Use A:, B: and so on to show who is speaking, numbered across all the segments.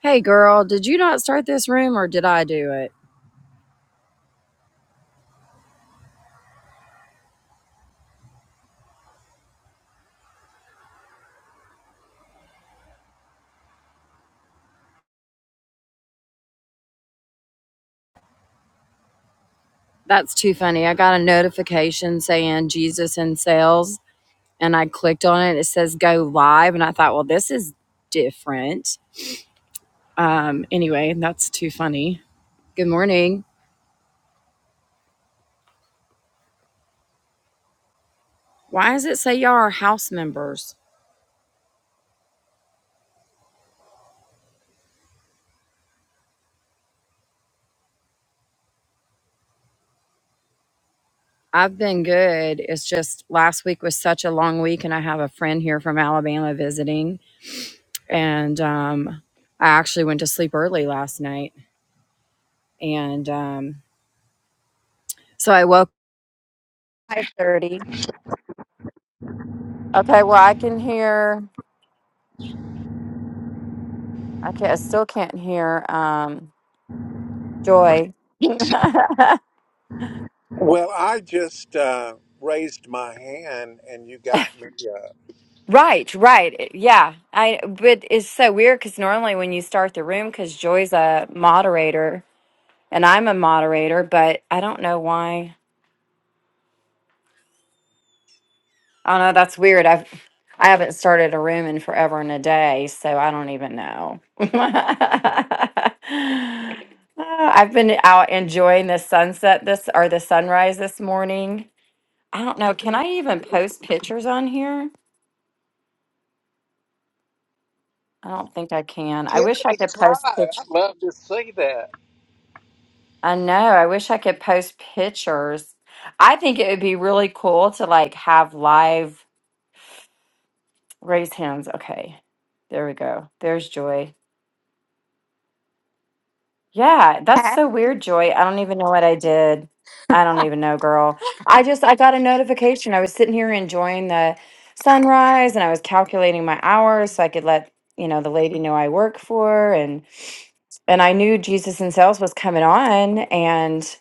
A: Hey girl, did you not start this room or did I do it? That's too funny. I got a notification saying Jesus in sales and I clicked on it. It says go live and I thought, well, this is different. Um anyway, that's too funny. Good morning. Why does it say y'all are house members? I've been good. It's just last week was such a long week and I have a friend here from Alabama visiting and um I actually went to sleep early last night and um so I woke Five thirty. Okay, well I can hear I can I still can't hear um Joy.
B: Well, I just uh, raised my hand and you got me. Uh,
A: right, right. eh, Yeah. I but it's so weird cuz normally when you start the room cuz Joy's a moderator and I'm a moderator, but I don't know why. I don't know, that's weird. I've I haven't started a room in forever and a day, so I don't even know. Uh, I've been out enjoying the sunset this or the sunrise this morning I don't know. Can I even post pictures on here? I don't think I can. I
B: Give
A: wish I
B: it
A: could
B: a try.
A: post pictures.
B: I'd love to see that.
A: I know. I wish I could post pictures. I think it would be really cool to like have live raise hands. Okay. There we go. There's Joy. Yeah, that's
C: Hey.
A: so weird, Joy. I don't even know what I did. I don't even know, girl. I just I got a notification. I was sitting here enjoying the sunrise and I was calculating my hours so I could let, you know, the lady know I work for and and I knew Jesus in Sales was coming on, and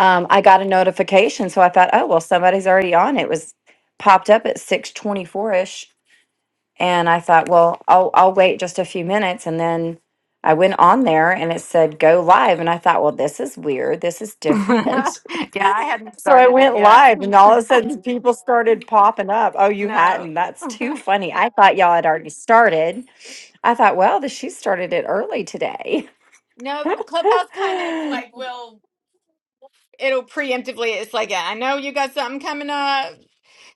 A: um, I got a notification. So I thought, oh well, somebody's already on. It was popped up at six twenty four ish, and I thought, well, I'll I'll wait just a few minutes, and then I went on there, and it said go live, and I thought, well, this is weird. This is
C: yeah,
A: different.
C: I hadn't
A: so I
C: started it
A: went
C: yet.
A: live, and all of a sudden, people started popping up. Oh, you
C: No.
A: hadn't? That's too funny. I thought y'all had already started. I thought, well, the, she started it early today.
C: no, the clubhouse kind of like will it'll preemptively it's like yeah, I know you got something coming up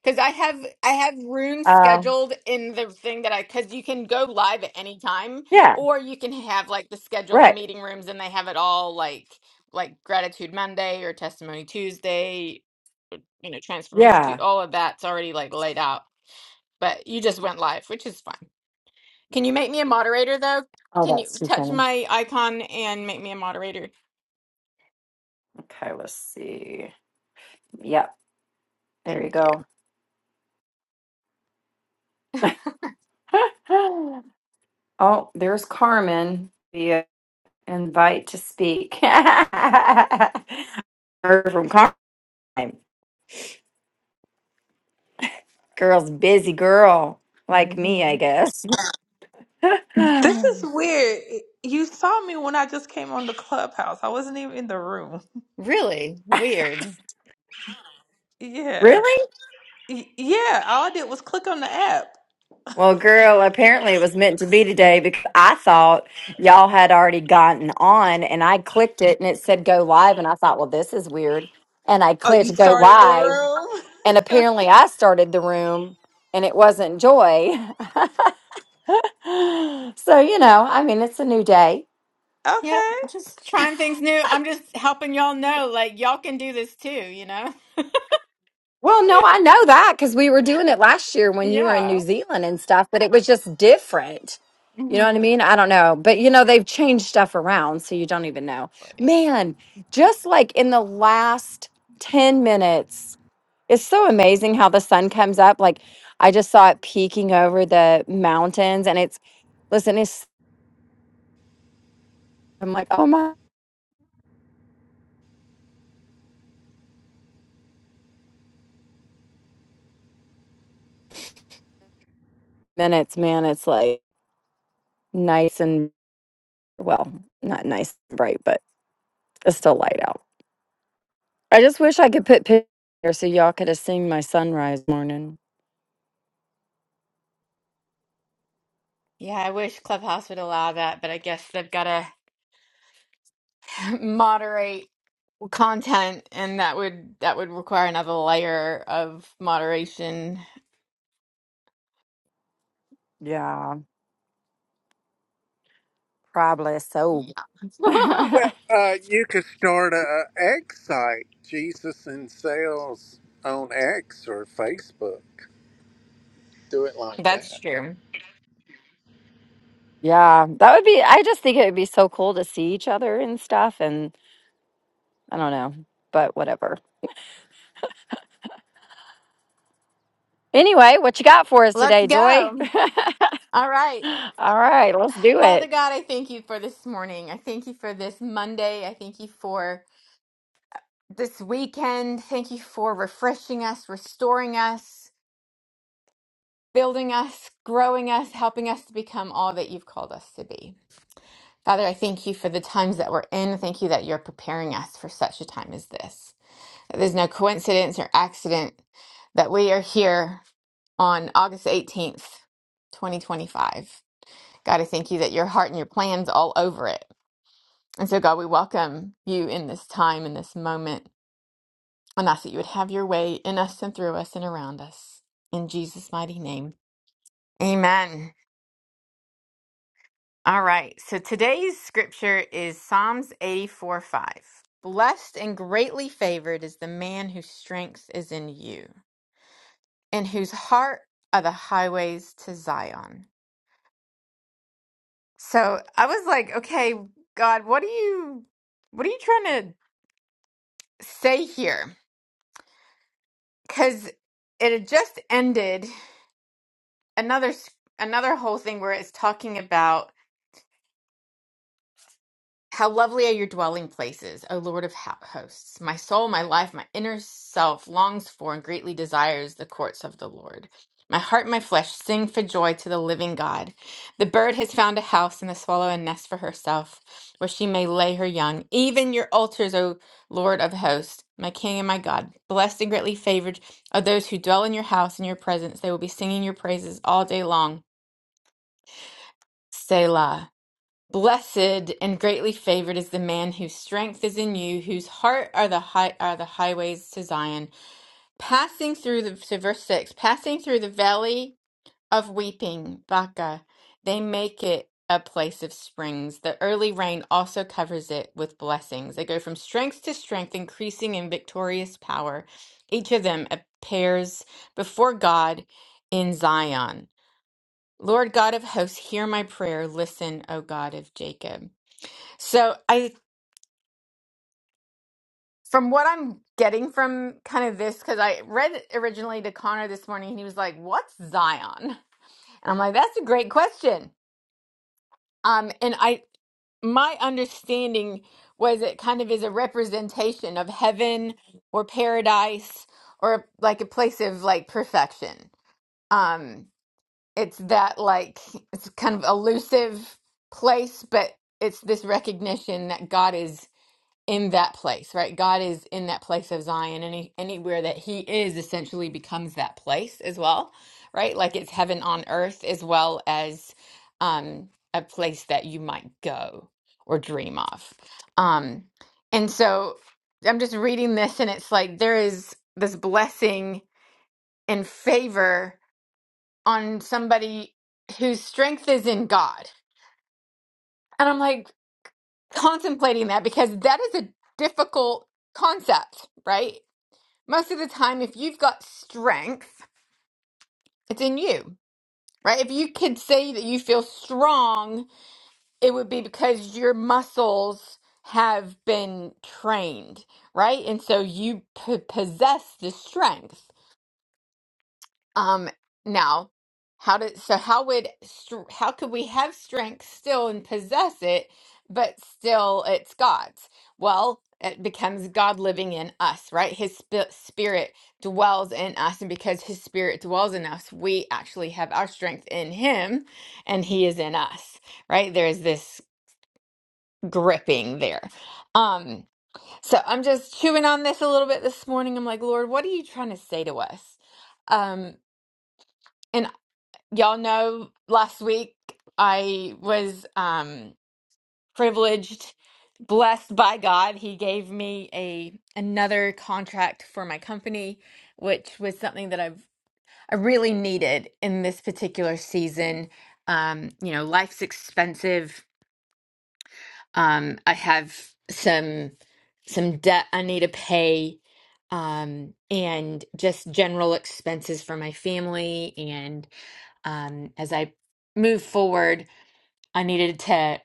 C: cuz I have I have rooms
A: Um,
C: scheduled in the thing that I cuz you can go live at any time
A: yeah,
C: or you can have like the scheduled
A: right.
C: meeting rooms and they have it all like like gratitude Monday or testimony Tuesday, you know, transformation to
A: Yeah.
C: all of that's already like laid out. But you just went live, which is fine. Can you make me a moderator though?
A: Oh,
C: Can you
A: that's too
C: touch
A: funny.
C: my icon and make me a moderator?
A: Okay, let's see. Yep, there you
C: Thank you.
A: go. oh, there's Carmen. The invite to speak. Heard from Carmen. Girl's busy girl, like me, I
C: Mhm.
A: guess.
D: This is weird. You saw me when I just came on the clubhouse. I wasn't even in the room.
C: Really weird.
D: Yeah.
A: really?
D: Y- Yeah, all I did was click on the app.
A: Well, girl, apparently it was meant to be today because I thought y'all had already gotten on and I clicked it and it said go live. And I thought, well, this is weird. And I
D: Oh, you
A: clicked go
D: started the
A: live.
D: room?
A: And apparently I started the room and it wasn't Joy. so, you know, I mean, it's a new day.
C: Yep,
D: Okay.
C: just trying things new. I'm just helping y'all know, like y'all can do this too, you know?
A: Well, no, I know that because we were doing it last year when you were in New
C: Yeah.
A: Zealand and stuff, but it was just different. You know what I
C: Mhm.
A: mean? I don't know. But you know, they've changed stuff around, so you don't even know.
C: Boy.
A: Man, just like in the last 10 minutes, it's so amazing how the sun comes up. Like I just saw it peeking over the mountains and it's listen, it's I'm like, oh my minutes, man, it's like nice and well, not nice and bright, but it's still light out. I just wish I could put pictures here so y'all could have seen my sunrise morning.
C: Yeah, I wish Clubhouse would allow that, but I guess they've got to moderate content and that would that would require another layer of moderation.
A: Yeah, probably so.
C: Yeah.
B: Well,
A: yeah,
B: uh, you could start a, a egg site, Jesus and Sales on X or Facebook. Do it like that.
C: That's true.
A: that would be, I just think it would be so cool to see each other and stuff. And I don't know, but whatever. Anyway, what you got for us
C: Let's
A: today, Joy?
C: go. All right.
A: All right, let's do
C: Father
A: it.
C: God, I thank you for this morning. I thank you for this Monday. I thank you for this weekend. Thank you for refreshing us, restoring us, building us, growing us, helping us to become all that you've called us to be. Father, I thank you for the times that we're in. Thank you that you're preparing us for such a time as this. That there's no coincidence or accident that we are here on August 18th, 2025. God, I thank you that your heart and your plans all over it. And so, God, we welcome you in this time, in this moment, and ask that you would have your way in us and through us and around us. In Jesus' mighty name. Amen. All right. So today's scripture is Psalms 84 5. Blessed and greatly favored is the man whose strength is in you, in whose heart are the highways to Zion. So I was like, okay, God, what are you what are you trying to say here? Because it had just ended another s- another whole thing where it's talking about how lovely are your dwelling places, O Lord of ho- hosts. My soul, my life, my inner self longs for and greatly desires the courts of the Lord. My heart, and my flesh sing for joy to the living God. The bird has found a house and the swallow a nest for herself where she may lay her young. Even your altars, O Lord of hosts, my King and my God, blessed and greatly favored are those who dwell in your house in your presence. They will be singing your praises all day long. Selah. Blessed and greatly favored is the man whose strength is in you, whose heart are the high, are the highways to Zion. Passing through the to verse six, passing through the valley of weeping, Baca, they make it a place of springs. The early rain also covers it with blessings. They go from strength to strength, increasing in victorious power. Each of them appears before God in Zion. Lord God of hosts, hear my prayer. Listen, O God of Jacob. So I, from what I'm getting from kind of this, because I read it originally to Connor this morning, and he was like, "What's Zion?" And I'm like, "That's a great question." Um, and I, my understanding was it kind of is a representation of heaven or paradise or like a place of like perfection. Um, it's that like it's kind of elusive place, but it's this recognition that God is in that place, right? God is in that place of Zion. Any anywhere that He is essentially becomes that place as well, right? Like it's heaven on earth as well as um, a place that you might go or dream of. Um, and so I'm just reading this, and it's like there is this blessing and favor on somebody whose strength is in God, and I'm like contemplating that because that is a difficult concept, right? most of the time, if you've got strength, it's in you, right? If you could say that you feel strong, it would be because your muscles have been trained, right? And so you p- possess the strength. Um, now, how did so how would str- how could we have strength still and possess it, but still it's God's? Well, it becomes God living in us, right? His spi- spirit dwells in us, and because His spirit dwells in us, we actually have our strength in Him, and He is in us, right? There's this gripping there. Um, so I'm just chewing on this a little bit this morning. I'm like, Lord, what are you trying to say to us? Um, y'all know last week I was um privileged, blessed by God. He gave me a another contract for my company, which was something that I've I really needed in this particular season. Um, you know, life's expensive um, I have some some debt I need to pay, um, and just general expenses for my family. And um, as I move forward, I needed to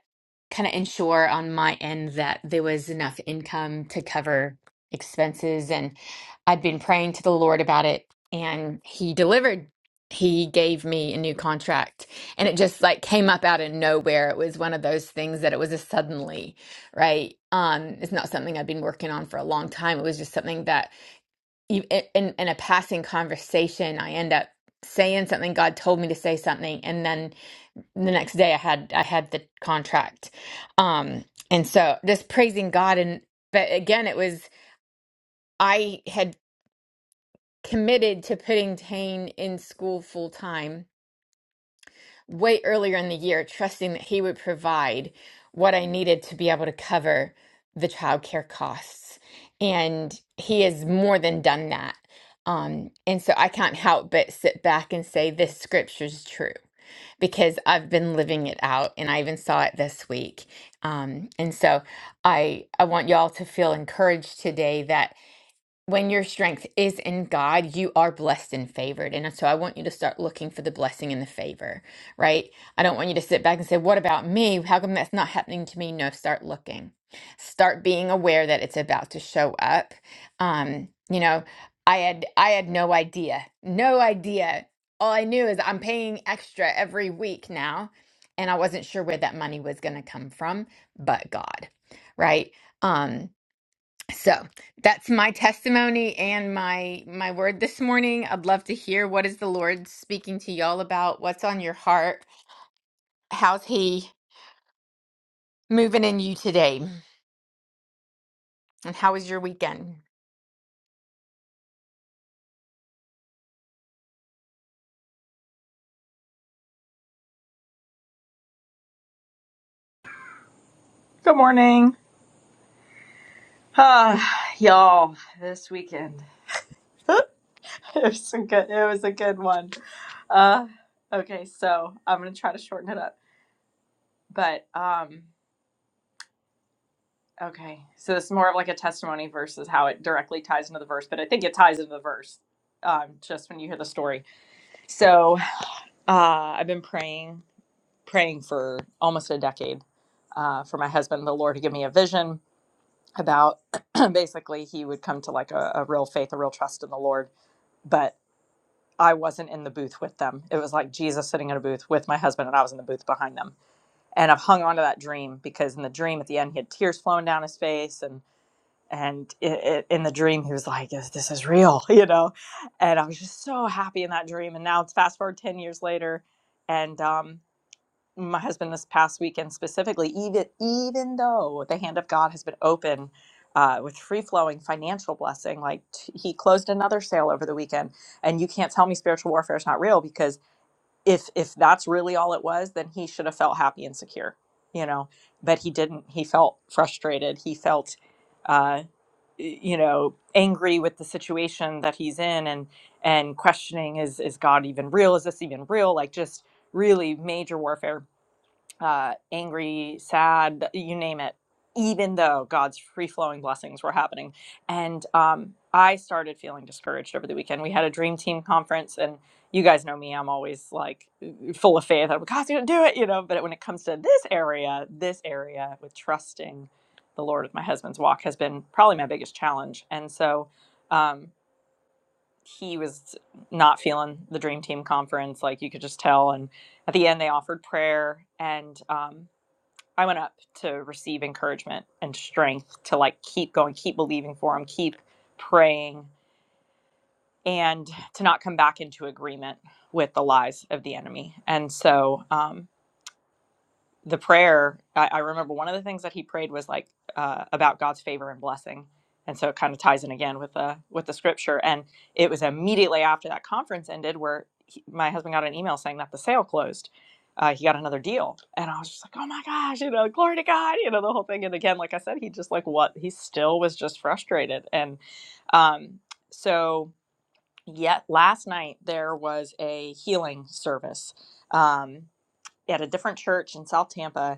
C: kind of ensure on my end that there was enough income to cover expenses. And I'd been praying to the Lord about it, and He delivered. He gave me a new contract, and it just like came up out of nowhere. It was one of those things that it was a suddenly, right? Um, it's not something I've been working on for a long time. It was just something that, e- in in a passing conversation, I end up saying something. God told me to say something, and then the next day I had I had the contract. Um and so just praising God and but again it was I had committed to putting Tane in school full time way earlier in the year, trusting that he would provide what I needed to be able to cover the childcare costs. And he has more than done that. Um, and so I can't help but sit back and say, this scripture's true because I've been living it out and I even saw it this week. Um, and so I, I want y'all to feel encouraged today that when your strength is in God, you are blessed and favored. And so I want you to start looking for the blessing and the favor, right? I don't want you to sit back and say, What about me? How come that's not happening to me? No, start looking. Start being aware that it's about to show up. Um, you know, I had I had no idea. No idea. All I knew is I'm paying extra every week now, and I wasn't sure where that money was gonna come from, but God, right? Um so that's my testimony and my my word this morning. I'd love to hear what is the Lord speaking to y'all about, what's on your heart, how's he moving in you today, and how was your weekend?
E: Good morning. Uh, y'all, this weekend. It was a good it was a good one. Uh okay, so I'm gonna try to shorten it up. But um okay. So this is more of like a testimony versus how it directly ties into the verse, but I think it ties into the verse. Um, just when you hear the story. So uh I've been praying, praying for almost a decade uh for my husband, the Lord to give me a vision about basically he would come to like a, a real faith, a real trust in the Lord but. I wasn't in the booth with them. It was like Jesus sitting in a booth with my husband, and I was in the booth behind them. And I've hung on to that dream because in the dream at the end, he had tears flowing down his face, and and it, it, in the dream, he was like, "This is real," you know. And I was just so happy in that dream. And now it's fast forward ten years later, and um, my husband this past weekend specifically, even even though the hand of God has been open uh, with free flowing financial blessing, like t- he closed another sale over the weekend, and you can't tell me spiritual warfare is not real because if if that's really all it was, then he should have felt happy and secure, you know. But he didn't. He felt frustrated. He felt, uh, y- you know, angry with the situation that he's in, and and questioning is is God even real? Is this even real? Like just really major warfare uh, angry, sad, you name it, even though God's free flowing blessings were happening. And um, I started feeling discouraged over the weekend. We had a dream team conference, and you guys know me, I'm always like uh, full of faith. I'm like, God's going to do it, you know. But when it comes to this area, this area with trusting the Lord with my husband's walk has been probably my biggest challenge. And so, um, he was not feeling the dream team conference like you could just tell and at the end they offered prayer and um, I went up to receive encouragement and strength to like keep going, keep believing for him, keep praying, and to not come back into agreement with the lies of the enemy. And so, um, the prayer I, I remember one of the things that he prayed was like uh, about god's favor and blessing and so it kind of ties in again with the with the scripture and it was immediately after that conference ended where he, my husband got an email saying that the sale closed uh, he got another deal and i was just like oh my gosh you know glory to god you know the whole thing and again like i said he just like what he still was just frustrated and um so yet last night there was a healing service um at a different church in south tampa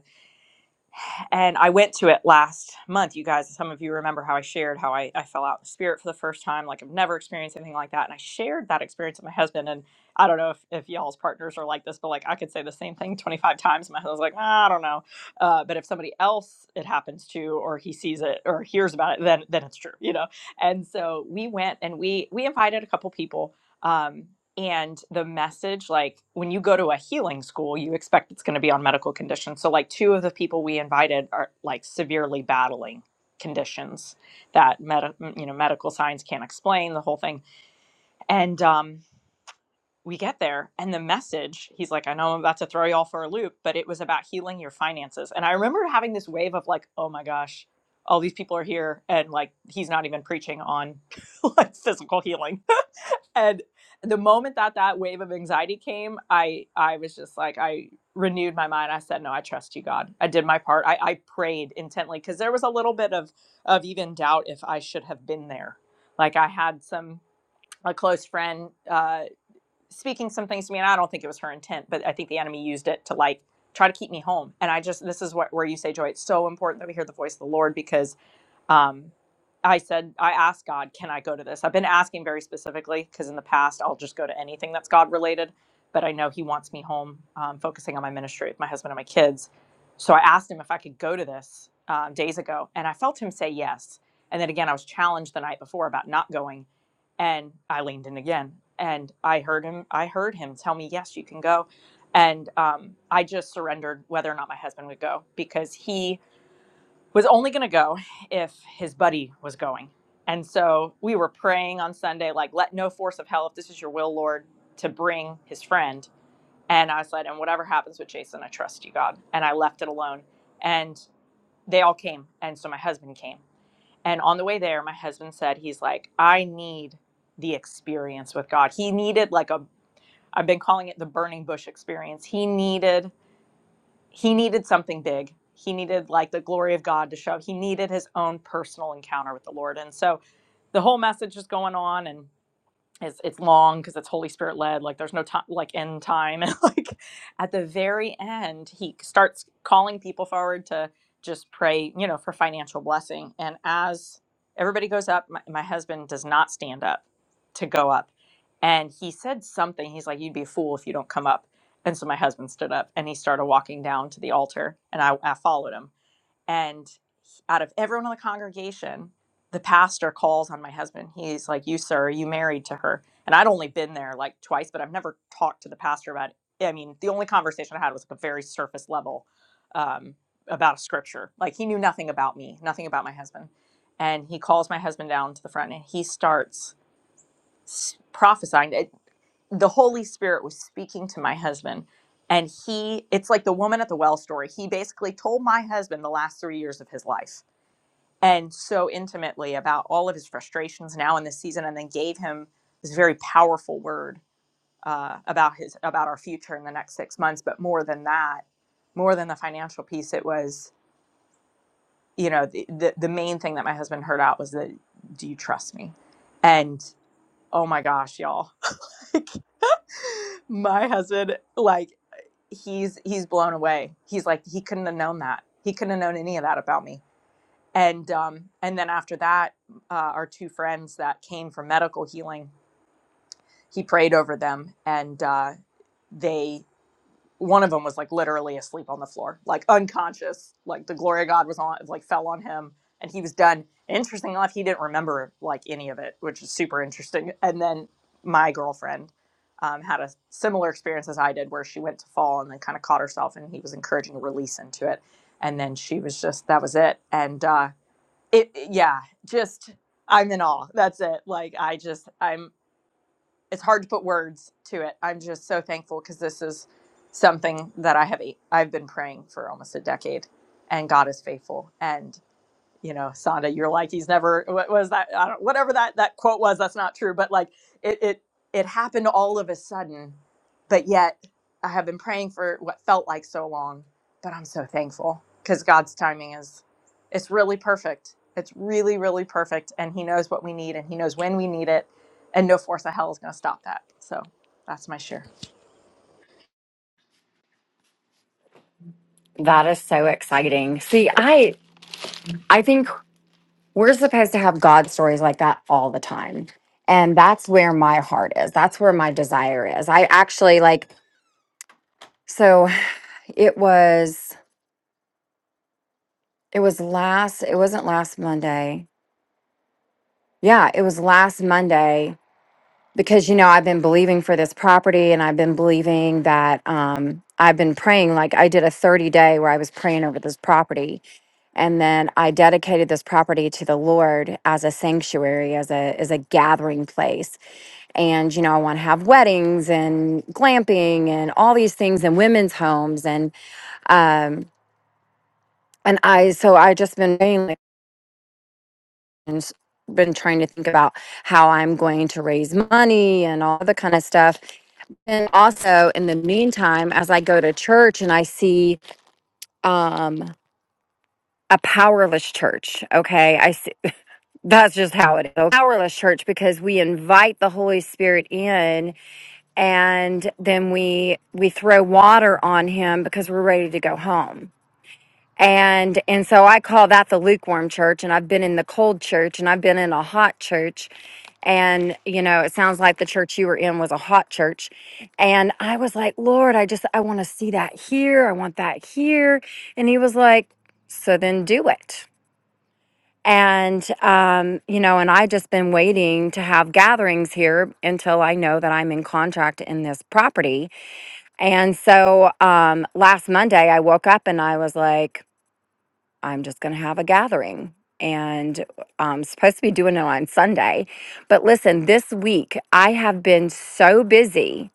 E: and I went to it last month. You guys, some of you remember how I shared how I, I fell out in the spirit for the first time. Like I've never experienced anything like that. And I shared that experience with my husband. And I don't know if, if y'all's partners are like this, but like I could say the same thing 25 times. My husband's like, "Ah, I don't know. Uh, but if somebody else it happens to, or he sees it or hears about it, then, then it's true, you know? And so we went and we, we invited a couple people. Um, and the message like when you go to a healing school you expect it's going to be on medical conditions so like two of the people we invited are like severely battling conditions that med- you know medical science can't explain the whole thing and um we get there and the message he's like i know i'm about to throw you all for a loop but it was about healing your finances and i remember having this wave of like oh my gosh all these people are here and like he's not even preaching on like physical healing and the moment that that wave of anxiety came i i was just like i renewed my mind i said no i trust you god i did my part i, I prayed intently because there was a little bit of of even doubt if i should have been there like i had some a close friend uh speaking some things to me and i don't think it was her intent but i think the enemy used it to like try to keep me home and i just this is what where you say joy it's so important that we hear the voice of the lord because um, I said, I asked God, can I go to this? I've been asking very specifically because in the past I'll just go to anything that's God related, but I know He wants me home, um, focusing on my ministry with my husband and my kids. So I asked Him if I could go to this um, days ago, and I felt Him say yes. And then again, I was challenged the night before about not going, and I leaned in again, and I heard Him. I heard Him tell me, "Yes, you can go," and um, I just surrendered whether or not my husband would go because He was only going to go if his buddy was going. And so we were praying on Sunday, like, let no force of hell, if this is your will, Lord, to bring his friend. And I said, and whatever happens with Jason, I trust you, God. And I left it alone. And they all came. And so my husband came. And on the way there, my husband said, he's like, I need the experience with God. He needed, like, a, I've been calling it the burning bush experience. He needed he needed something big. He needed like the glory of God to show. He needed his own personal encounter with the Lord. And so the whole message is going on and it's it's long because it's Holy Spirit led. Like there's no time, like end time. And like at the very end, he starts calling people forward to just pray, you know, for financial blessing. And as everybody goes up, my, my husband does not stand up to go up, and he said something. He's like, "You'd be a fool if you don't come up." And so my husband stood up and he started walking down to the altar, and I, I followed him and out of everyone in the congregation, the pastor calls on my husband. He's like, You, sir, are you married to her? And I'd only been there like twice, but I've never talked to the pastor about it. I mean, the only conversation I had was like a very surface level um, about a scripture. Like he knew nothing about me, nothing about my husband. And he calls my husband down to the front and he starts s- prophesying the Holy Spirit was speaking to my husband. And he, it's like the woman at the well story. He basically told my husband the last three years of his life and so intimately about all of his frustrations now in this season, and then gave him this very powerful word uh, about his about our future in the next six months. But more than that, more than the financial piece, it was you know the the, the main thing that my husband heard out was that do you trust me? And oh my gosh, y'all, like my husband like he's he's blown away. He's like he couldn't have known that. He couldn't have known any of that about me. And um, and then after that, uh, our two friends that came for medical healing, he prayed over them, and uh, they one of them was like literally asleep on the floor, like unconscious. Like the glory of God was on, like fell on him, and he was done. Interesting enough, he didn't remember like any of it, which is super interesting. And then my girlfriend um, had a similar experience as I did, where she went to fall and then kind of caught herself, and he was encouraging a release into it. And then she was just that was it. And uh, it, it- yeah, just I'm in awe. That's it. Like I just I'm it's hard to put words to it. I'm just so thankful because this is something that I have I've been praying for almost a decade, and God is faithful. And you know, Sonda, you're like he's never what was that? I don't whatever that that quote was. That's not true, but like it it it happened all of a sudden, but yet I have been praying for what felt like so long, but I'm so thankful because God's timing is it's really perfect. It's really really perfect, and He knows what we need, and He knows when we need it, and no force of hell is going to stop that. So that's my share.
A: That is so exciting. See, I I think we're supposed to have God stories like that all the time. And that's where my heart is. That's where my desire is. I actually like so it was It was last, it wasn't last Monday. Yeah, it was last Monday because, you know, I've been believing for this property and I've been believing that um, I've been praying. Like I did a 30 day where I was praying over this property. And then I dedicated this property to the Lord as a sanctuary, as a as a gathering place. And, you know, I want to have weddings and glamping and all these things and women's homes and um and I so I just been praying like. and been trying to think about how I'm going to raise money and all the kind of stuff. And also in the meantime, as I go to church and I see um a powerless church, okay? I see that's just how it is. A powerless church because we invite the Holy Spirit in and then we we throw water on him because we're ready to go home And and so I call that the lukewarm church and I've been in the cold church and I've been in a hot church. And you know, it sounds like the church you were in was a hot church. And I was like, "Lord, I just I want to see that here. I want that here." And he was like, "So then do it." And um, you know, and I just been waiting to have gatherings here until I know that I'm in contract in this property. And so um last Monday I woke up and I was like, I'm just going to have a gathering. And I'm supposed to be doing it on Sunday. But listen, this week I have been so busy.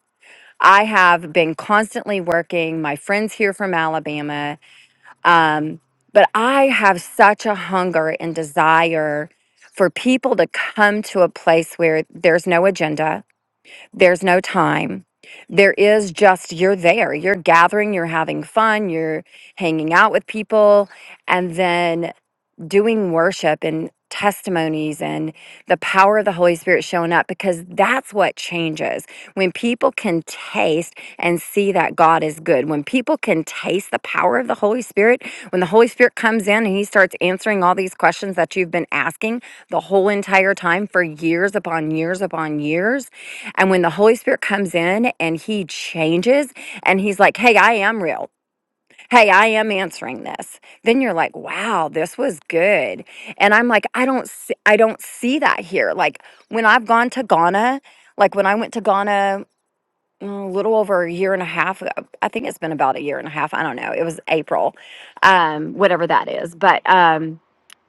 A: I have been constantly working. My friends here from Alabama. Um, but I have such a hunger and desire for people to come to a place where there's no agenda, there's no time. There is just you're there, you're gathering, you're having fun, you're hanging out with people, and then doing worship and testimonies and the power of the Holy Spirit showing up because that's what changes. When people can taste and see that God is good, when people can taste the power of the Holy Spirit, when the Holy Spirit comes in and he starts answering all these questions that you've been asking the whole entire time for years upon years upon years, and when the Holy Spirit comes in and he changes and he's like, "Hey, I am real hey, I am answering this. Then you're like, wow, this was good. And I'm like, I don't see, I don't see that here. Like when I've gone to Ghana, like when I went to Ghana mm, a little over a year and a half, ago- I think it's been about a year and a half. I don't know. It was April, um, whatever that is. But, um,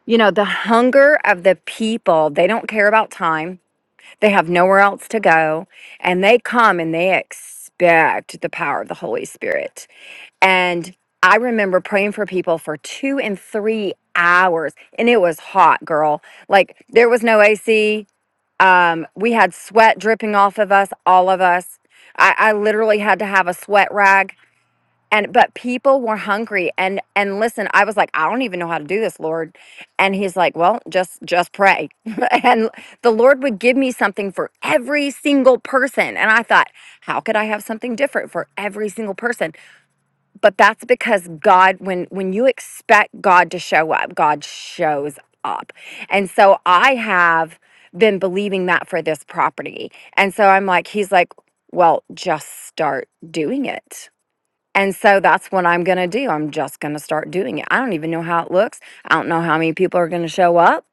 A: you know, the hunger of the people, they don't care about time. They have nowhere else to go. And they come and they expect the power of the Holy Spirit and I remember praying for people for two and three hours, and it was hot, girl. Like there was no AC. Um, we had sweat dripping off of us, all of us. I, I literally had to have a sweat rag. And but people were hungry and and listen, I was like, I don't even know how to do this, Lord. And he's like, Well, just just pray. and the Lord would give me something for every single person. And I thought, how could I have something different for every single person? but that's because god when when you expect god to show up god shows up and so i have been believing that for this property and so i'm like he's like well just start doing it and so that's what i'm going to do i'm just going to start doing it i don't even know how it looks i don't know how many people are going to show up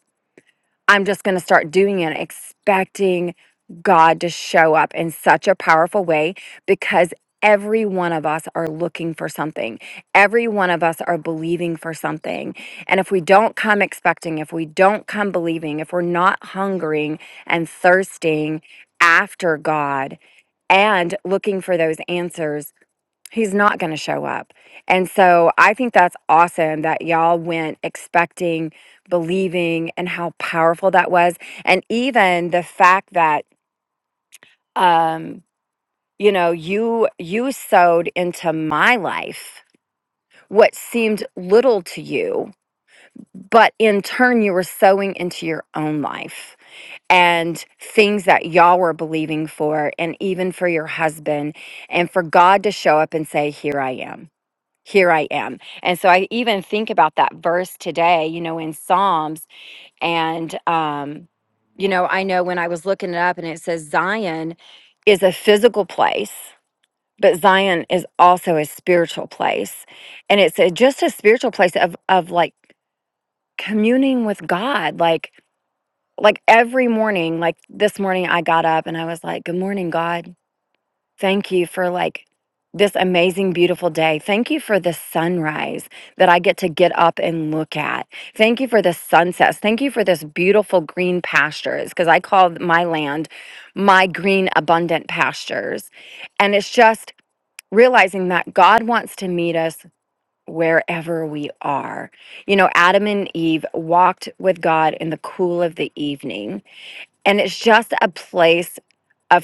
A: I'm just going to start doing it, expecting God to show up in such a powerful way because every one of us are looking for something. Every one of us are believing for something. And if we don't come expecting, if we don't come believing, if we're not hungering and thirsting after God and looking for those answers, He's not going to show up. And so I think that's awesome that y'all went expecting, believing, and how powerful that was. And even the fact that, um, you know, you you sowed into my life what seemed little to you, but in turn you were sowing into your own life and things that y'all were believing for, and even for your husband, and for God to show up and say, "Here I am." here I am. And so I even think about that verse today, you know, in Psalms. And, um, you know, I know when I was looking it up and it says Zion is a physical place, but Zion is also a spiritual place. And it's a, just a spiritual place of, of like communing with God, like, like every morning, like this morning I got up and I was like, good morning, God Thank you for like this amazing, beautiful day. Thank you for the sunrise that I get to get up and look at. Thank you for the sunsets. Thank you for this beautiful green pastures because I call my land my green, abundant pastures. And it's just realizing that God wants to meet us wherever we are. You know, Adam and Eve walked with God in the cool of the evening, and it's just a place. of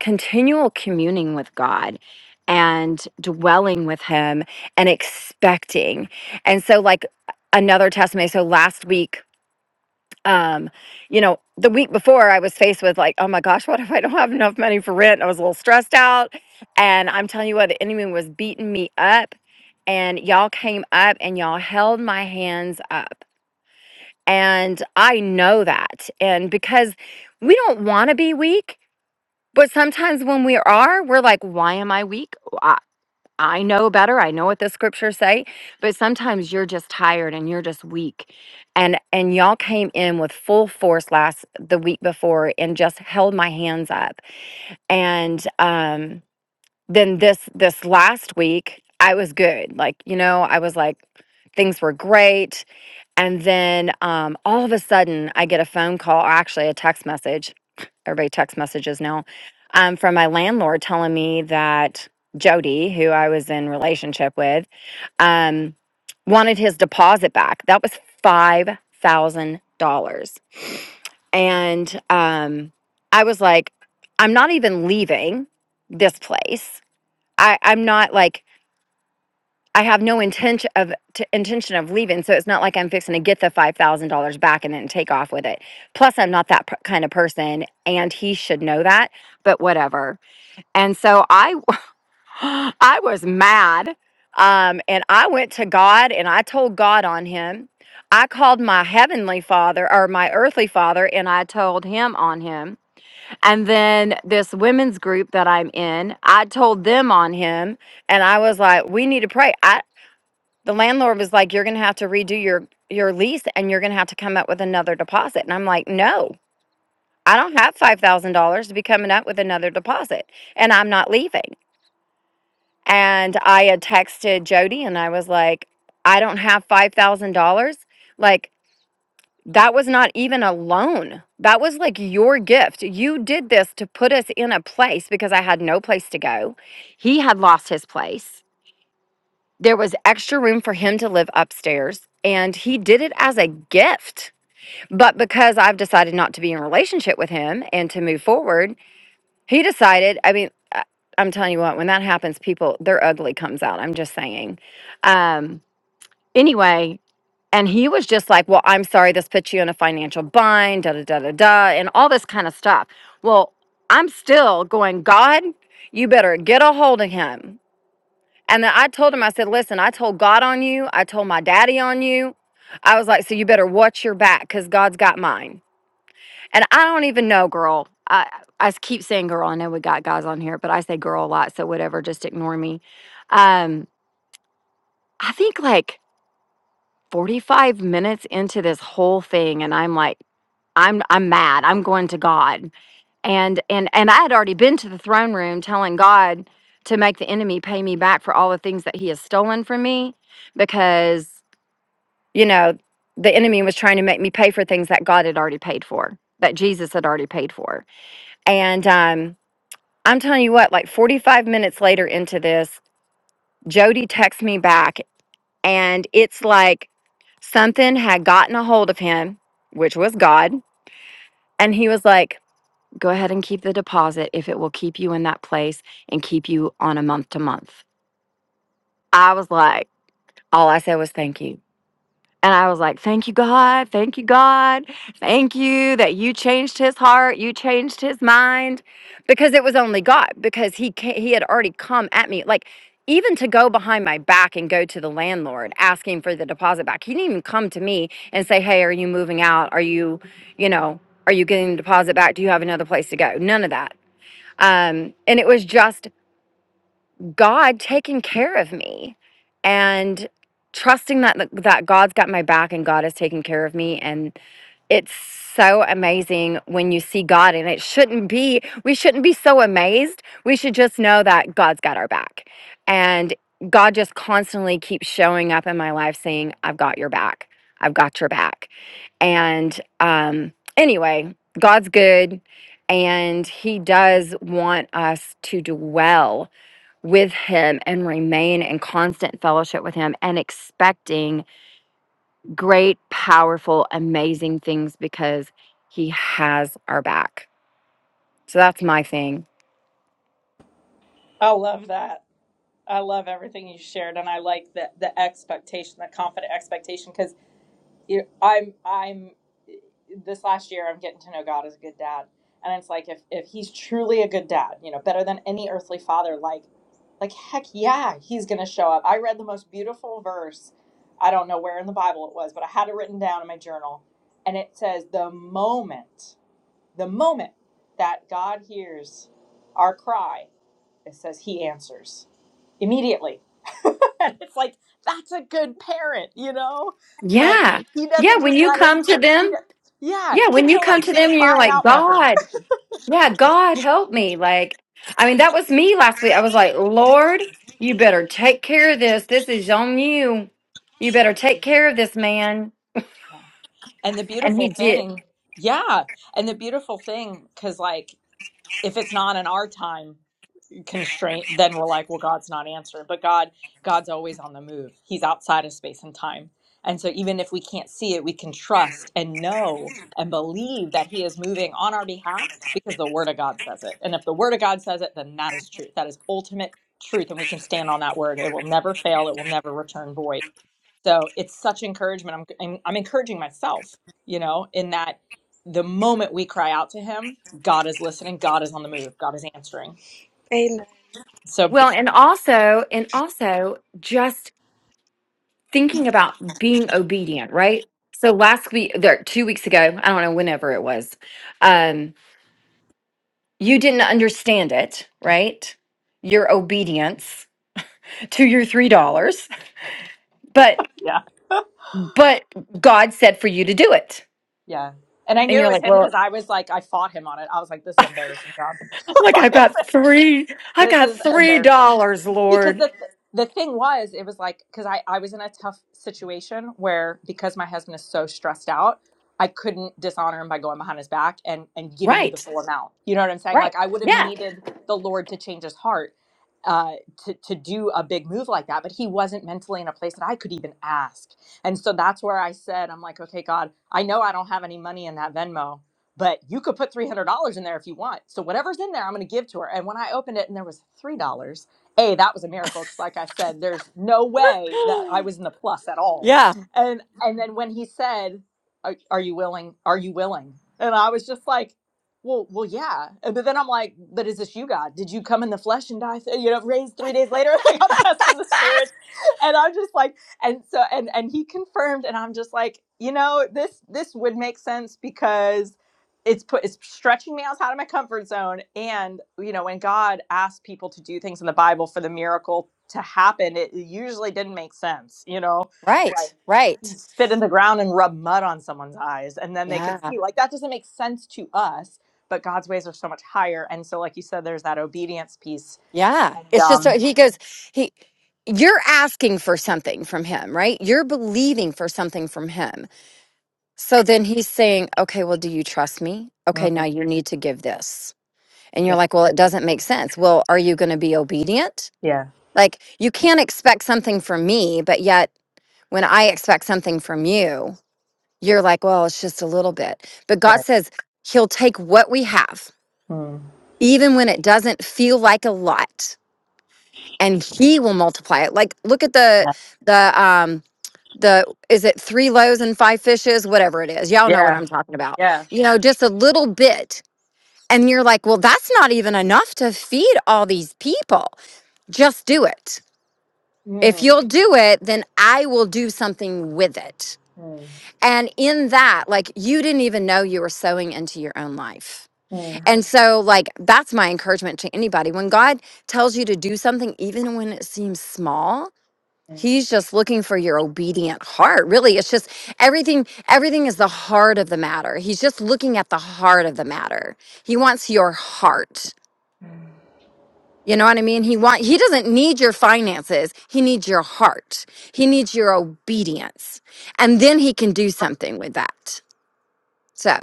A: continual communing with God and dwelling with Him and expecting. And so, like another testimony. So last week, um, you know, the week before, I was faced with like, oh my gosh, what if I don't have enough money for rent? I was a little stressed out, and I'm telling you what, the enemy was beating me up. And y'all came up and y'all held my hands up. And I know that. And because we don't want to be weak, but sometimes when we are, we're like, why am I weak? Oh, I, I know better. I know what the scriptures say. But sometimes you're just tired and you're just weak. And and y'all came in with full force last the week before and just held my hands up. And um then this this last week, I was good. Like, you know, I was like things were great. And then um all of a sudden I get a phone call or actually a text message everybody text messages now um, from my landlord telling me that Jody, who I was in relationship with, um, wanted his deposit back. That was five thousand dollars, and um, I was like, I'm not even leaving this place. I, I'm not like I have no intention of t- intention of leaving, so it's not like I'm fixing to get the five thousand dollars back and then take off with it. Plus, I'm not that p- kind of person, and he should know that. But whatever. And so I, w- I was mad, um, and I went to God and I told God on him. I called my heavenly father or my earthly father, and I told him on him. And then this women's group that I'm in, I told them on him, and I was like, "We need to pray." I the landlord was like you're going to have to redo your your lease and you're going to have to come up with another deposit and i'm like no i don't have $5000 to be coming up with another deposit and i'm not leaving and i had texted jody and i was like i don't have $5000 like that was not even a loan that was like your gift you did this to put us in a place because i had no place to go he had lost his place there was extra room for him to live upstairs and he did it as a gift but because i've decided not to be in a relationship with him and to move forward he decided i mean I- i'm telling you what when that happens people their ugly comes out i'm just saying um anyway and he was just like well i'm sorry this puts you in a financial bind da da da da da and all this kind of stuff well i'm still going god you better get a hold of him and then I told him, I said, listen, I told God on you. I told my daddy on you. I was like, so you better watch your back because God's got mine. And I don't even know, girl. I, I keep saying girl. I know we got guys on here, but I say girl a lot. So whatever, just ignore me. Um, I think like 45 minutes into this whole thing, and I'm like, I'm I'm mad. I'm going to God and and and I had already been to the throne room telling God to make the enemy pay me back for all the things that he has stolen from me because you know the enemy was trying to make me pay for things that God had already paid for that Jesus had already paid for and um I'm telling you what like 45 minutes later into this Jody texts me back and it's like something had gotten a hold of him which was God and he was like go ahead and keep the deposit if it will keep you in that place and keep you on a month to month. I was like, all I said was thank you. And I was like, thank you, God. Thank you, God. Thank you that you changed his heart. You changed his mind because it was only God because he, ca- he had already come at me. Like, even to go behind my back and go to the landlord asking for the deposit back, he didn't even come to me and say, hey, are you moving out? Are you, you know, are you getting the deposit back? Do you have another place to go? None of that um, and it was just God taking care of me and trusting that that that God's got my back and God is taking care of me. And it's so amazing when you see God. And it shouldn't be, we shouldn't be so amazed. We should just know that God's got our back. And God just constantly keeps showing up in my life saying, I've got your back. I've got your back. And um, anyway, God's good, and He does want us to dwell with Him and remain in constant fellowship with Him and expecting great, powerful, amazing things because He has our back. So that's my thing.
E: I love that. I love everything you shared, and I like the the expectation, the confident expectation, because. you I'm I'm this last year I'm getting to know God as a good dad. And it's like if if he's truly a good dad, you know, better than any earthly father, like like heck yeah, he's gonna show up. I read the most beautiful verse, I don't know where in the Bible it was, but I had it written down in my journal, and it says the moment, the moment that God hears our cry it says he answers immediately. and it's like that's a good parent, you know? Like
A: Yeah.
E: he
A: Yeah.
E: doesn't
A: When
E: just
A: you
E: let us
A: come to
E: cr- he
A: them,
E: does, yeah,
A: yeah,
E: he
A: when you
E: doesn't
A: come
E: let
A: to
E: do the
A: them and you're
E: cry it
A: like,
E: out method.
A: God, Yeah, God help me. Like, I mean, that was me last week. I was like, Lord, you better take care of this. This is on you. You
E: Yeah.
A: better take care of this man.
E: Yeah. And the
A: And he
E: beautiful
A: did.
E: thing, yeah, and the beautiful thing cuz like if it's not in our time constraint then we're like well god's not answered, but god god's always on the move he's outside of space and time and so even if we can't see it we can trust and know and believe that he is moving on our behalf because the word of god says it and if the word of god says it then that is truth that is ultimate truth and we can stand on that word it will never fail it will never return void so it's such encouragement i'm i'm, I'm encouraging myself you know in that the moment we cry out to him god is listening god is on the move god is answering
F: Amen.
E: so
A: Well, and also, and also just thinking about being obedient, right? So last week, there, two weeks ago, I don't know, whenever it was, um, you didn't understand it, right? Your obedience to your $3, but,
E: Yeah.
A: but God said for you to do it
E: Yeah. And I
A: And
E: knew it
A: you're
E: was
A: like,
E: him
A: well,
E: because I was like, I fought him on it. I was like, this is embarrassing, John.
A: I'm like I got three, I
E: This
A: got
E: is
A: three
E: embarrassing.
A: dollars,
E: Because
A: Lord.
E: the the thing was, it was like because I I was in a tough situation where because my husband is so stressed out, I couldn't dishonor him by going behind his back and and giving you the
A: Right,
E: full amount. You know what I'm saying?
A: right.
E: Like I would have
A: Yeah,
E: needed the Lord to change his heart uh to to do a big move like that but he wasn't mentally in a place that I could even ask. And so that's where I said I'm like okay God, I know I don't have any money in that Venmo but you could put $300 in there if you want. So whatever's in there, I'm going to give to her. And when I opened it and there was $3, A, that was a miracle because like I said, there's no way that I was in the plus at all.
A: Yeah.
E: And and then when he said, "Are, are you willing? Are you willing?" And I was just like, "Well, well, yeah." And but then I'm like, "But is this you, God? Did you come in the flesh and die, you know, raised 3 days later?" like I'm testing the spirits. And I'm just like, and so and and he confirmed and i'm just like you know this this would make sense because it's put it's stretching me outside of my comfort zone and you know when god asked people to do things in the bible for the miracle to happen it usually didn't make sense you know like
A: right,
E: he
A: right.
E: spit in the ground and rub mud on someone's eyes and then they could
A: Yeah,
E: see like that doesn't make sense to us but god's ways are so much higher and so like you said there's that obedience piece
A: yeah.
E: and
A: It's just,
E: um
A: uh, he goes, he, you're asking for something from him, right? You're believing for something from him. So then he's saying, okay, well, do you trust me? Okay, now
E: mm,
A: you need to give this. And you're
E: yeah,
A: like, well, it doesn't make sense. Well, are you going to be obedient?
E: yeah
A: Like, you can't expect something from me, but yet when I expect something from you, you're like, well, it's just a little bit. But God
E: right
A: says He'll take what we have,
E: mm,
A: even when it doesn't feel like a lot, and He will multiply it. Like, look at the
E: yeah
A: the um the is it three loaves and five fishes, whatever it is. Y'all know what
E: yeah
A: I'm talking about.
E: yeah
A: You know, just a little bit. And you're like, well, that's not even enough to feed all these people. Just do it. If
E: mm,
A: you'll do it, then I will do something with it.
E: mm,
A: And in that, like you didn't even know you were sowing into your own life
E: mm.
A: And so, like, that's my encouragement to anybody. When God tells you to do something, even when it seems small,
E: mm.
A: He's just looking for your obedient heart. Really, it's just everything, everything is the heart of the matter. He's just looking at the heart of the matter. He wants your heart. You know what I mean? He want he doesn't need your finances. He needs your heart. He needs your obedience. And then he can do something with that. So,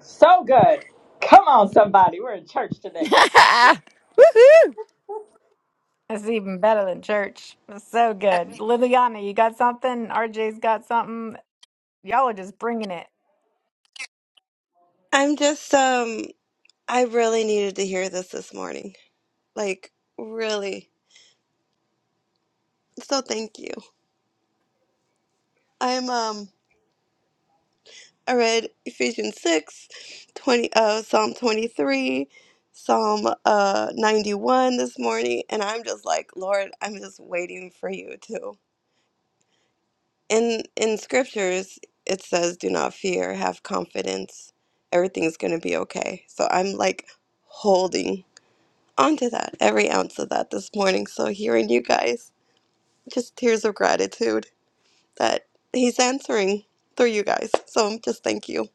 E: So good. Come on, somebody. We're in church today.
A: woohoo.
C: That's even better than church. That's so good. Liliana, you got something? RJ's got something. Y'all are just bringing it.
F: I'm just um I really needed to hear this this morning. Like really. So thank you. I'm um I read Ephesians 6, 20, uh Psalm 23, Psalm uh 91 this morning and I'm just like, Lord, I'm just waiting for you to. In in scriptures it says do not fear, have confidence. Everything's going to be okay. So I'm like holding onto that, every ounce of that this morning. So hearing you guys, just tears of gratitude that he's answering through you guys. So just thank you.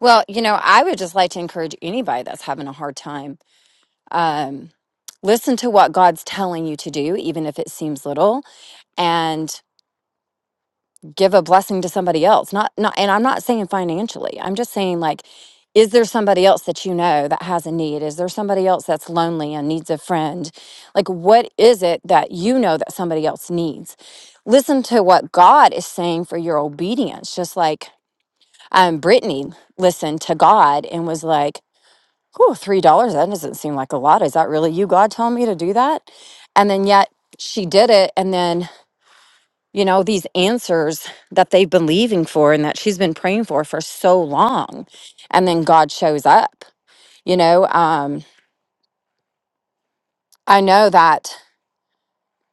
A: Well, you know, I would just like to encourage anybody that's having a hard time. Um, listen to what God's telling you to do, even if it seems little, and give a blessing to somebody else. Not, not, and I'm not saying financially. I'm just saying like, is there somebody else that you know that has a need? Is there somebody else that's lonely and needs a friend? Like, what is it that you know that somebody else needs? Listen to what God is saying for your obedience. Just like um, Brittany listened to God and was like. oh, three dollars, that doesn't seem like a lot. Is that really you, God, telling me to do that? And then yet she did it. And then, you know, these answers that they've been leaving for and that she's been praying for for so long. And then God shows up, you know. Um, I know that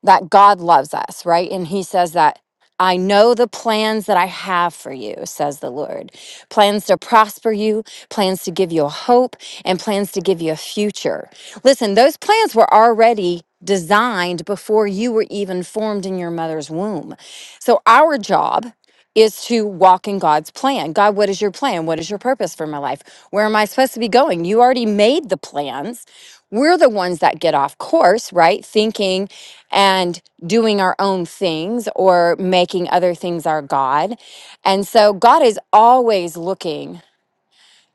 A: that God loves us, right? And he says that I know the plans that I have for you, says the Lord. Plans to prosper you, plans to give you a hope, and plans to give you a future. Listen, those plans were already designed before you were even formed in your mother's womb. So our job is to walk in God's plan. God, what is your plan? What is your purpose for my life? Where am I supposed to be going? You already made the plans. We're the ones that get off course, right? Thinking and doing our own things or making other things our God. And so God is always looking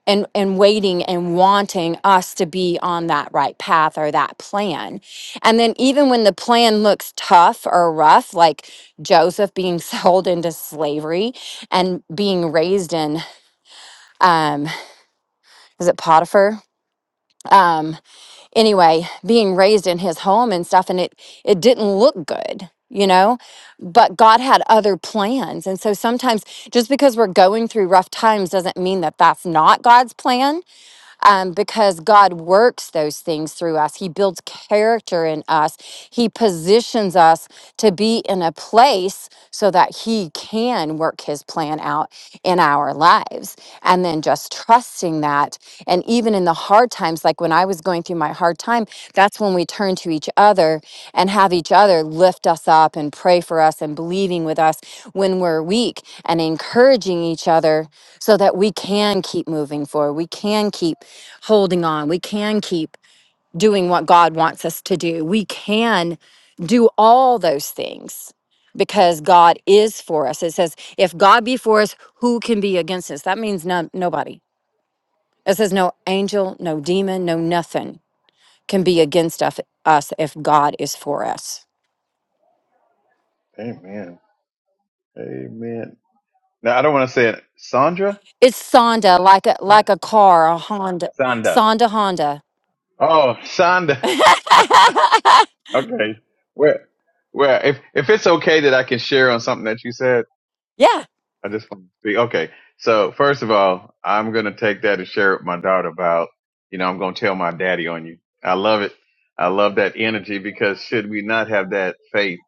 A: and, and waiting and wanting us to be on that right path or that plan. And then, even when the plan looks tough or rough, like Joseph being sold into slavery and being raised in, um, is it Potiphar? Um, anyway, being raised in his home and stuff, and it it didn't look good, you know. But God had other plans, and so sometimes just because we're going through rough times doesn't mean that that's not God's plan um, because God works those things through us. He builds character in us, He positions us to be in a place so that He can work His plan out in our lives. And then just trusting that. And even in the hard times, like when I was going through my hard time, that's when we turn to each other and have each other lift us up and pray for us and believing with us when we're weak and encouraging each other so that we can keep moving forward. We can keep holding on. We can keep doing what God wants us to do. We can do all those things because God is for us. It says, if God be for us, who can be against us? That means no, nobody. It says, no angel, no demon, no nothing can be against us, us if God is for us.
G: Amen. Amen. Now I don't want to say it. Sandra?
A: It's Sonda, like a, like a car, a Honda,
G: Sanda.
A: Sonda Honda.
G: Oh, Sanda. okay. Well, well, if if it's okay that I can share on something that you said,
A: yeah.
G: I just want to speak. Okay. So first of all, I'm going to take that and share it with my daughter about, you know, I'm going to tell my daddy on you. I love it. I love that energy because should we not have that faith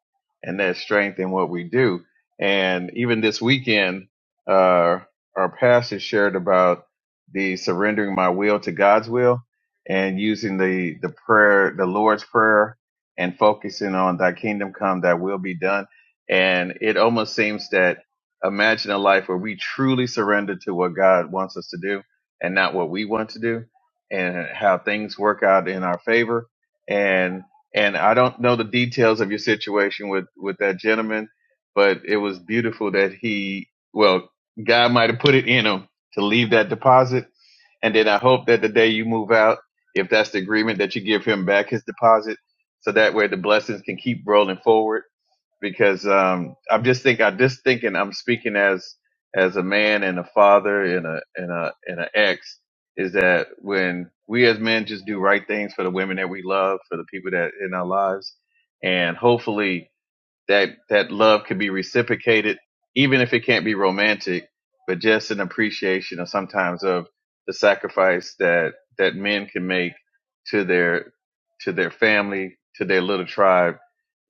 G: and that strength in what we do? And even this weekend, uh, our pastor shared about the surrendering my will to God's will and using the, the prayer, the Lord's prayer and focusing on thy kingdom come, thy will be done. And it almost seems that imagine a life where we truly surrender to what God wants us to do and not what we want to do and how things work out in our favor and and I don't know the details of your situation with with that gentleman but it was beautiful that he well God might have put it in him to leave that deposit and then I hope that the day you move out if that's the agreement that you give him back his deposit so that way the blessings can keep rolling forward because um, I'm just think I'm just thinking I'm speaking as as a man and a father and a and a and an ex is that when we as men just do right things for the women that we love for the people that in our lives and hopefully that that love could be reciprocated, even if it can't be romantic, but just an appreciation of sometimes of the sacrifice that that men can make to their to their family, to their little tribe.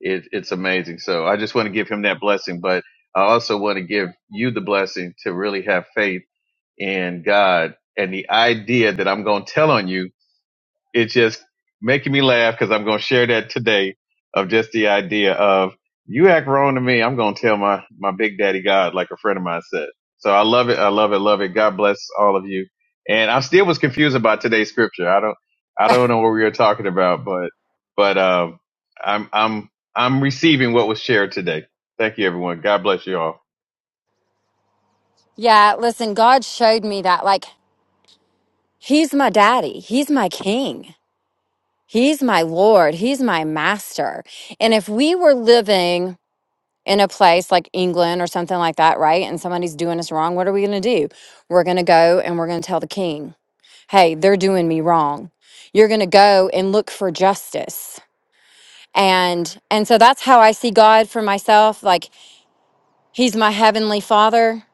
G: It, it's amazing. So I just want to give him that blessing, but I also want to give you the blessing to really have faith in God and the idea that I'm going to tell on you it's just making me laugh because I'm going to share that today of just the idea of you act wrong to me. I'm going to tell my, my big daddy God, like a friend of mine said. So I love it. I love it. Love it. God bless all of you. And I still was confused about today's scripture. I don't, I don't know what we were talking about, but, but, um, I'm, I'm, I'm receiving what was shared today. Thank you, everyone. God bless you all.
A: Yeah, listen, God showed me that. Like He's my daddy. He's my king. He's my lord. He's my master. And if we were living in a place like England or something like that, right? And somebody's doing us wrong, what are we going to do? We're going to go and we're going to tell the king, "Hey, they're doing me wrong." You're going to go and look for justice. And and so that's how I see God for myself, like he's my heavenly father.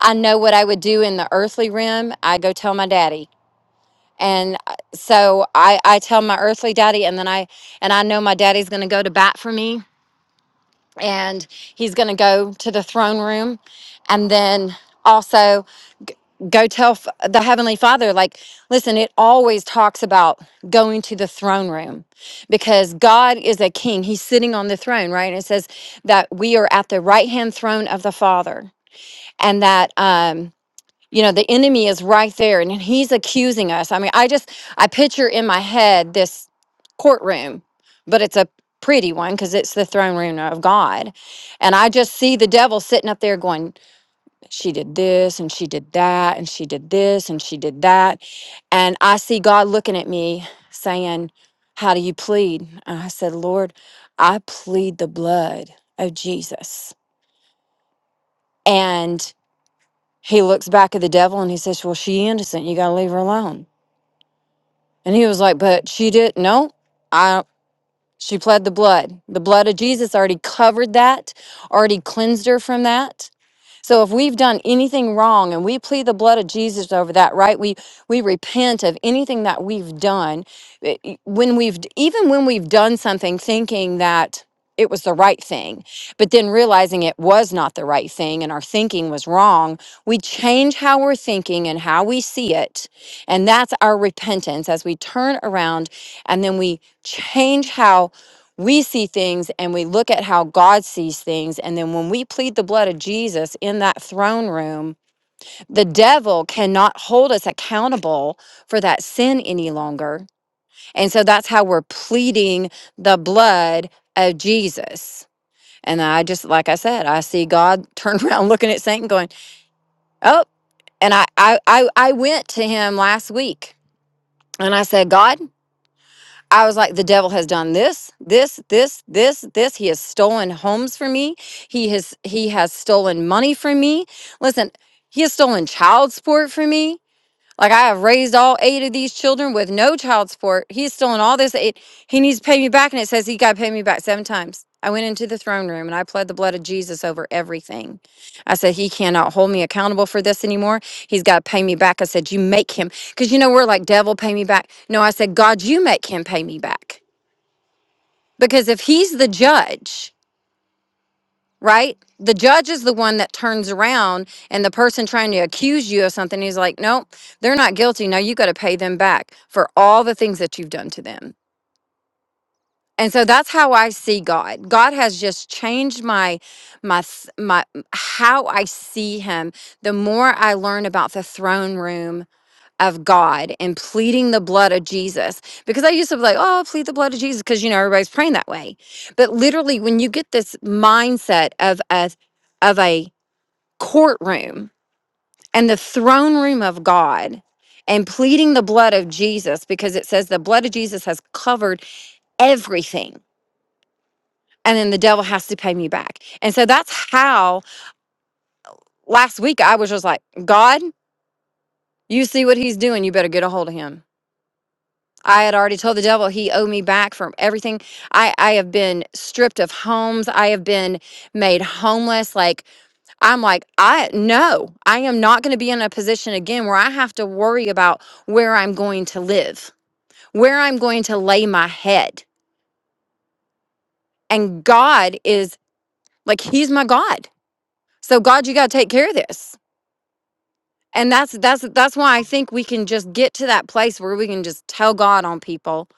A: I know what I would do in the earthly realm. I go tell my daddy. and I- so I, I tell my earthly daddy and then i and i know my daddy's going to go to bat for me and he's going to go to the throne room and then also go tell f- the heavenly father like listen it always talks about going to the throne room because god is a king he's sitting on the throne right and it says that we are at the right hand throne of the father and that um you know the enemy is right there and he's accusing us i mean i just i picture in my head this courtroom but it's a pretty one because it's the throne room of god and i just see the devil sitting up there going she did this and she did that and she did this and she did that and i see god looking at me saying how do you plead and i said lord i plead the blood of jesus and. He looks back at the devil and he says, Well, she innocent. You got to leave her alone. And he was like, But she did. No, I, she pled the blood. The blood of Jesus already covered that, already cleansed her from that. So if we've done anything wrong and we plead the blood of Jesus over that, right? We we repent of anything that we've done. eh, eh, When we've even when we've done something thinking that it was the right thing, but then realizing it was not the right thing and our thinking was wrong, we change how we're thinking and how we see it. And that's our repentance as we turn around and then we change how we see things and we look at how God sees things. And then when we plead the blood of Jesus in that throne room, the devil cannot hold us accountable for that sin any longer. And so that's how we're pleading the blood of Jesus. And I just, like I said, I see God turn around looking at Satan going, Oh, and I, I, I, I went to him last week and I said, God, I was like, the devil has done this, this, this, this, this. He has stolen homes from me. He has he has stolen money from me. Listen, he has stolen child support from me. Like I have raised all eight of these children with no child support. He's stolen all this. It, he needs to pay me back, and it says he got to pay me back seven times. I went into the throne room and I pled the blood of Jesus over everything. I said he cannot hold me accountable for this anymore. He's got to pay me back. I said you make him because you know we're like devil pay me back. No, I said God, you make him pay me back because if he's the judge right? The judge is the one that turns around and the person trying to accuse you of something, he's like, nope, they're not guilty. Now you got to pay them back for all the things that you've done to them. And so that's how I see God. God has just changed my my s- my how I see him. The more I learn about the throne room of God and pleading the blood of Jesus because I used to be like, "Oh, plead the blood of Jesus" because you know everybody's praying that way. But literally when you get this mindset of a of a courtroom and the throne room of God and pleading the blood of Jesus because it says the blood of Jesus has covered everything. And then the devil has to pay me back. And so that's how last week I was just like, God, you see what he's doing. You better get a hold of him. I had already told the devil he owed me back from everything. I, I have been stripped of homes. I have been made homeless. Like I'm like, I no, I am not going to be in a position again where I have to worry about where I'm going to live, where I'm going to lay my head. And God is like he's my God. So God, you got to take care of this. And that's that's that's why I think we can just get to that place where we can just tell God on people.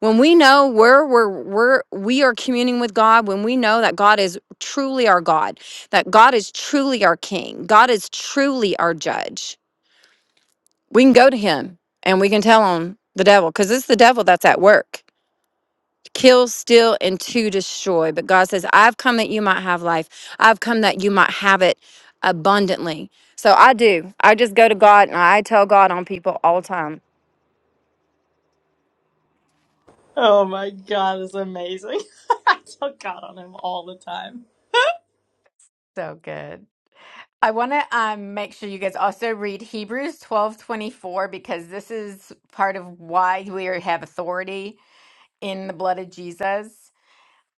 A: When we know where we're we're we are communing with God, when we know that God is truly our God, that God is truly our king, God is truly our judge we can go to him and we can tell him the devil because it's the devil that's at work kill steal and to destroy but god says i've come that you might have life i've come that you might have it abundantly so i do i just go to god and i tell god on people all the time
E: Oh my God, it's amazing. I tell God on him all the time.
C: So good. I want to um, make sure you guys also read Hebrews 12 24 because this is part of why we are- have authority in the blood of Jesus.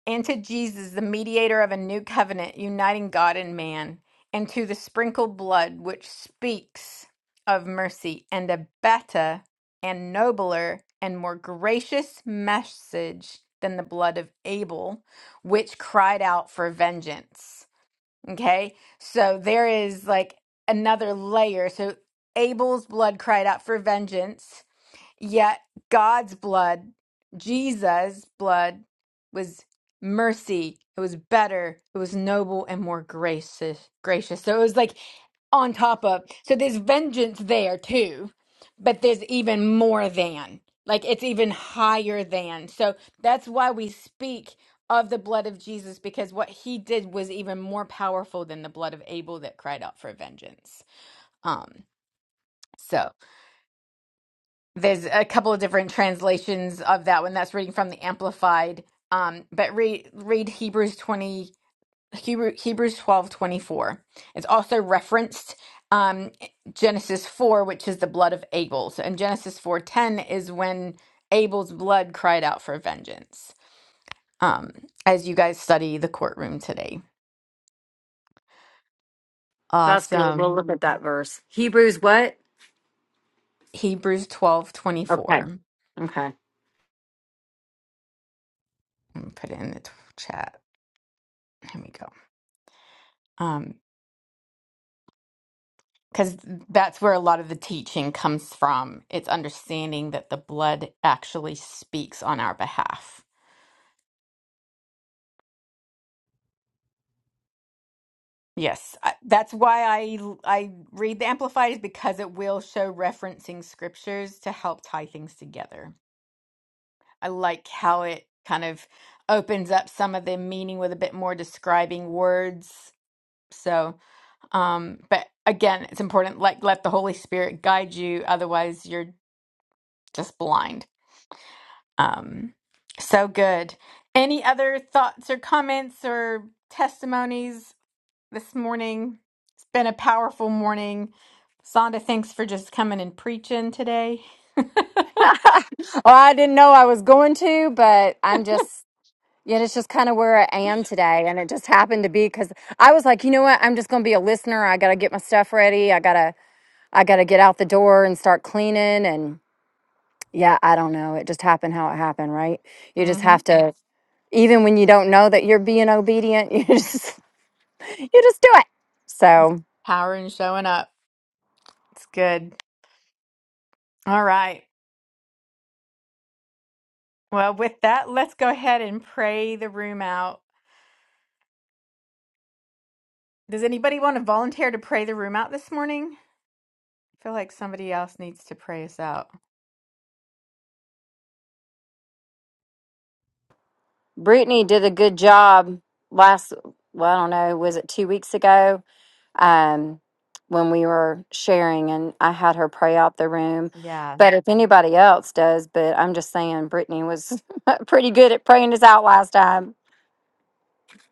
C: and to Jesus, the mediator of a new covenant, uniting God and man, and to the sprinkled blood, which speaks of mercy and a better and nobler and more gracious message than the blood of Abel, which cried out for vengeance. Okay, so there is like another layer. So Abel's blood cried out for vengeance Yet God's blood, Jesus' blood, was mercy. It was better. It was noble and more gracious. Gracious. So it was like on top of. So there's vengeance there too, but there's even more than. Like it's even higher than. So that's why we speak of the blood of Jesus because what he did was even more powerful than the blood of Abel that cried out for vengeance. Um. So there's a couple of different translations of that one that's reading from the amplified um but read read hebrews 20 Hebrew, hebrews 12 24. it's also referenced um genesis 4 which is the blood of abel so in genesis four ten is when abel's blood cried out for vengeance um as you guys study the courtroom today
A: That's good. We'll
C: awesome
A: look at that verse. Hebrews what?
C: hebrews 12 24.
A: Okay. Okay.
C: let me put it in the t- chat here we go Um, because that's where a lot of the teaching comes from. It's understanding that the blood actually speaks on our behalf. Yes, I, that's why I I read the Amplified is because it will show referencing scriptures to help tie things together. I like how it kind of opens up some of the meaning with a bit more describing words. So, um, but again, it's important like let the Holy Spirit guide you, otherwise you're just blind Um, so good. Any other thoughts or comments or testimonies this morning? It's been a powerful morning. Sonda, thanks for just coming and preaching today.
A: well i didn't know i was going to but i'm just Yeah, it's just kind of where I am today. And it just happened to be because I was like, you know what? I'm just going to be a listener. I got to get my stuff ready. I got to, I got to get out the door and start cleaning. And yeah, I don't know. It just happened how it happened, right? You
C: mm
A: just
C: hmm
A: have to, even when you don't know that you're being obedient, you just, you just do it. So
C: Power and showing up. It's good. All right. Well, with that, let's go ahead and pray the room out. Does anybody want to volunteer to pray the room out this morning? feel like somebody else needs to pray us out.
A: Brittany did a good job last, well, I don't know, was it two weeks ago? um, when we were sharing, and I had her pray out the room.
C: Yeah.
A: But if anybody else does, but I'm just saying, Brittany was pretty good at praying us out last time.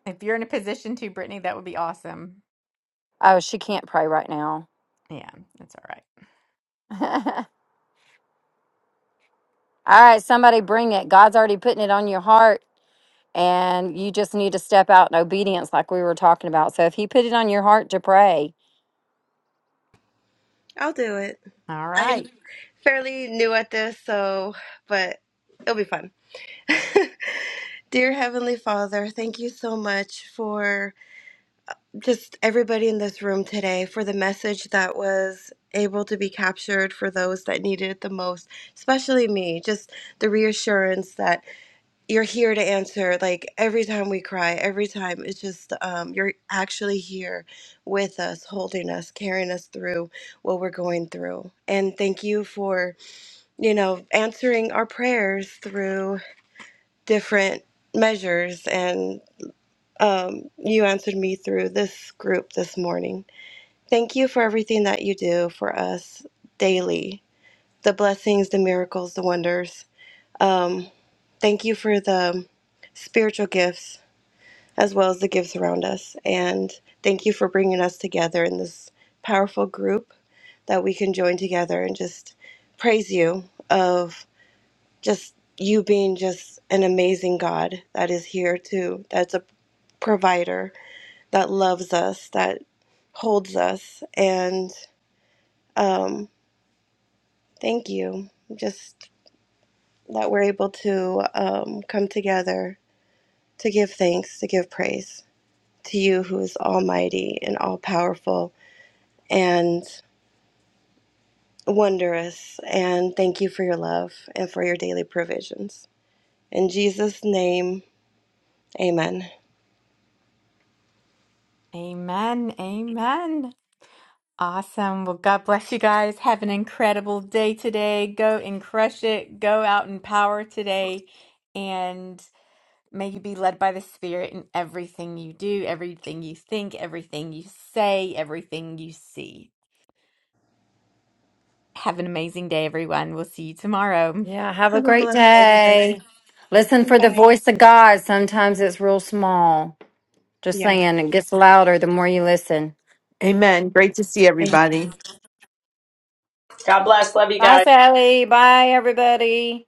C: If you're in a position to, Brittany, that would be awesome.
A: Oh, she can't pray right now.
C: Yeah, that's all right.
A: All right, somebody bring it. God's already putting it on your heart, and you just need to step out in obedience, like we were talking about. So if He put it on your heart to pray,
F: I'll do it.
C: All
F: I'm
C: right.
F: fairly new at this, so but it'll be fun. Dear Heavenly Father, thank you so much for just everybody in this room today, for the message that was able to be captured for those that needed it the most, especially me. Just the reassurance that you're here to answer like every time we cry every time it's just um, you're actually here with us holding us carrying us through what we're going through and thank you for you know answering our prayers through different measures and um, you answered me through this group this morning thank you for everything that you do for us daily the blessings the miracles the wonders um, thank you for the spiritual gifts as well as the gifts around us. And thank you for bringing us together in this powerful group that we can join together and just praise you of just you being just an amazing God that is here too, that's a provider, that loves us, that holds us. And um, thank you. Just that we're able to um, come together to give thanks, to give praise to you who is almighty and all powerful and wondrous. And thank you for your love and for your daily provisions. In Jesus' name, amen.
C: Amen. Amen. Awesome. Well, God bless you guys. Have an incredible day today. Go and crush it. Go out in power today. And may you be led by the Spirit in everything you do, everything you think, everything you say, everything you see. Have an amazing day, everyone. We'll see you tomorrow.
A: yeah, have a
F: Have a
A: great
F: blessed day, everybody.
A: day. Listen for the
F: Bye.
A: voice of God. Sometimes it's real small. Just
F: Yes.
A: saying, it gets louder the more you listen.
H: Amen. Great to see everybody.
E: God bless. Love you guys.
A: Bye, Sally. Bye, everybody.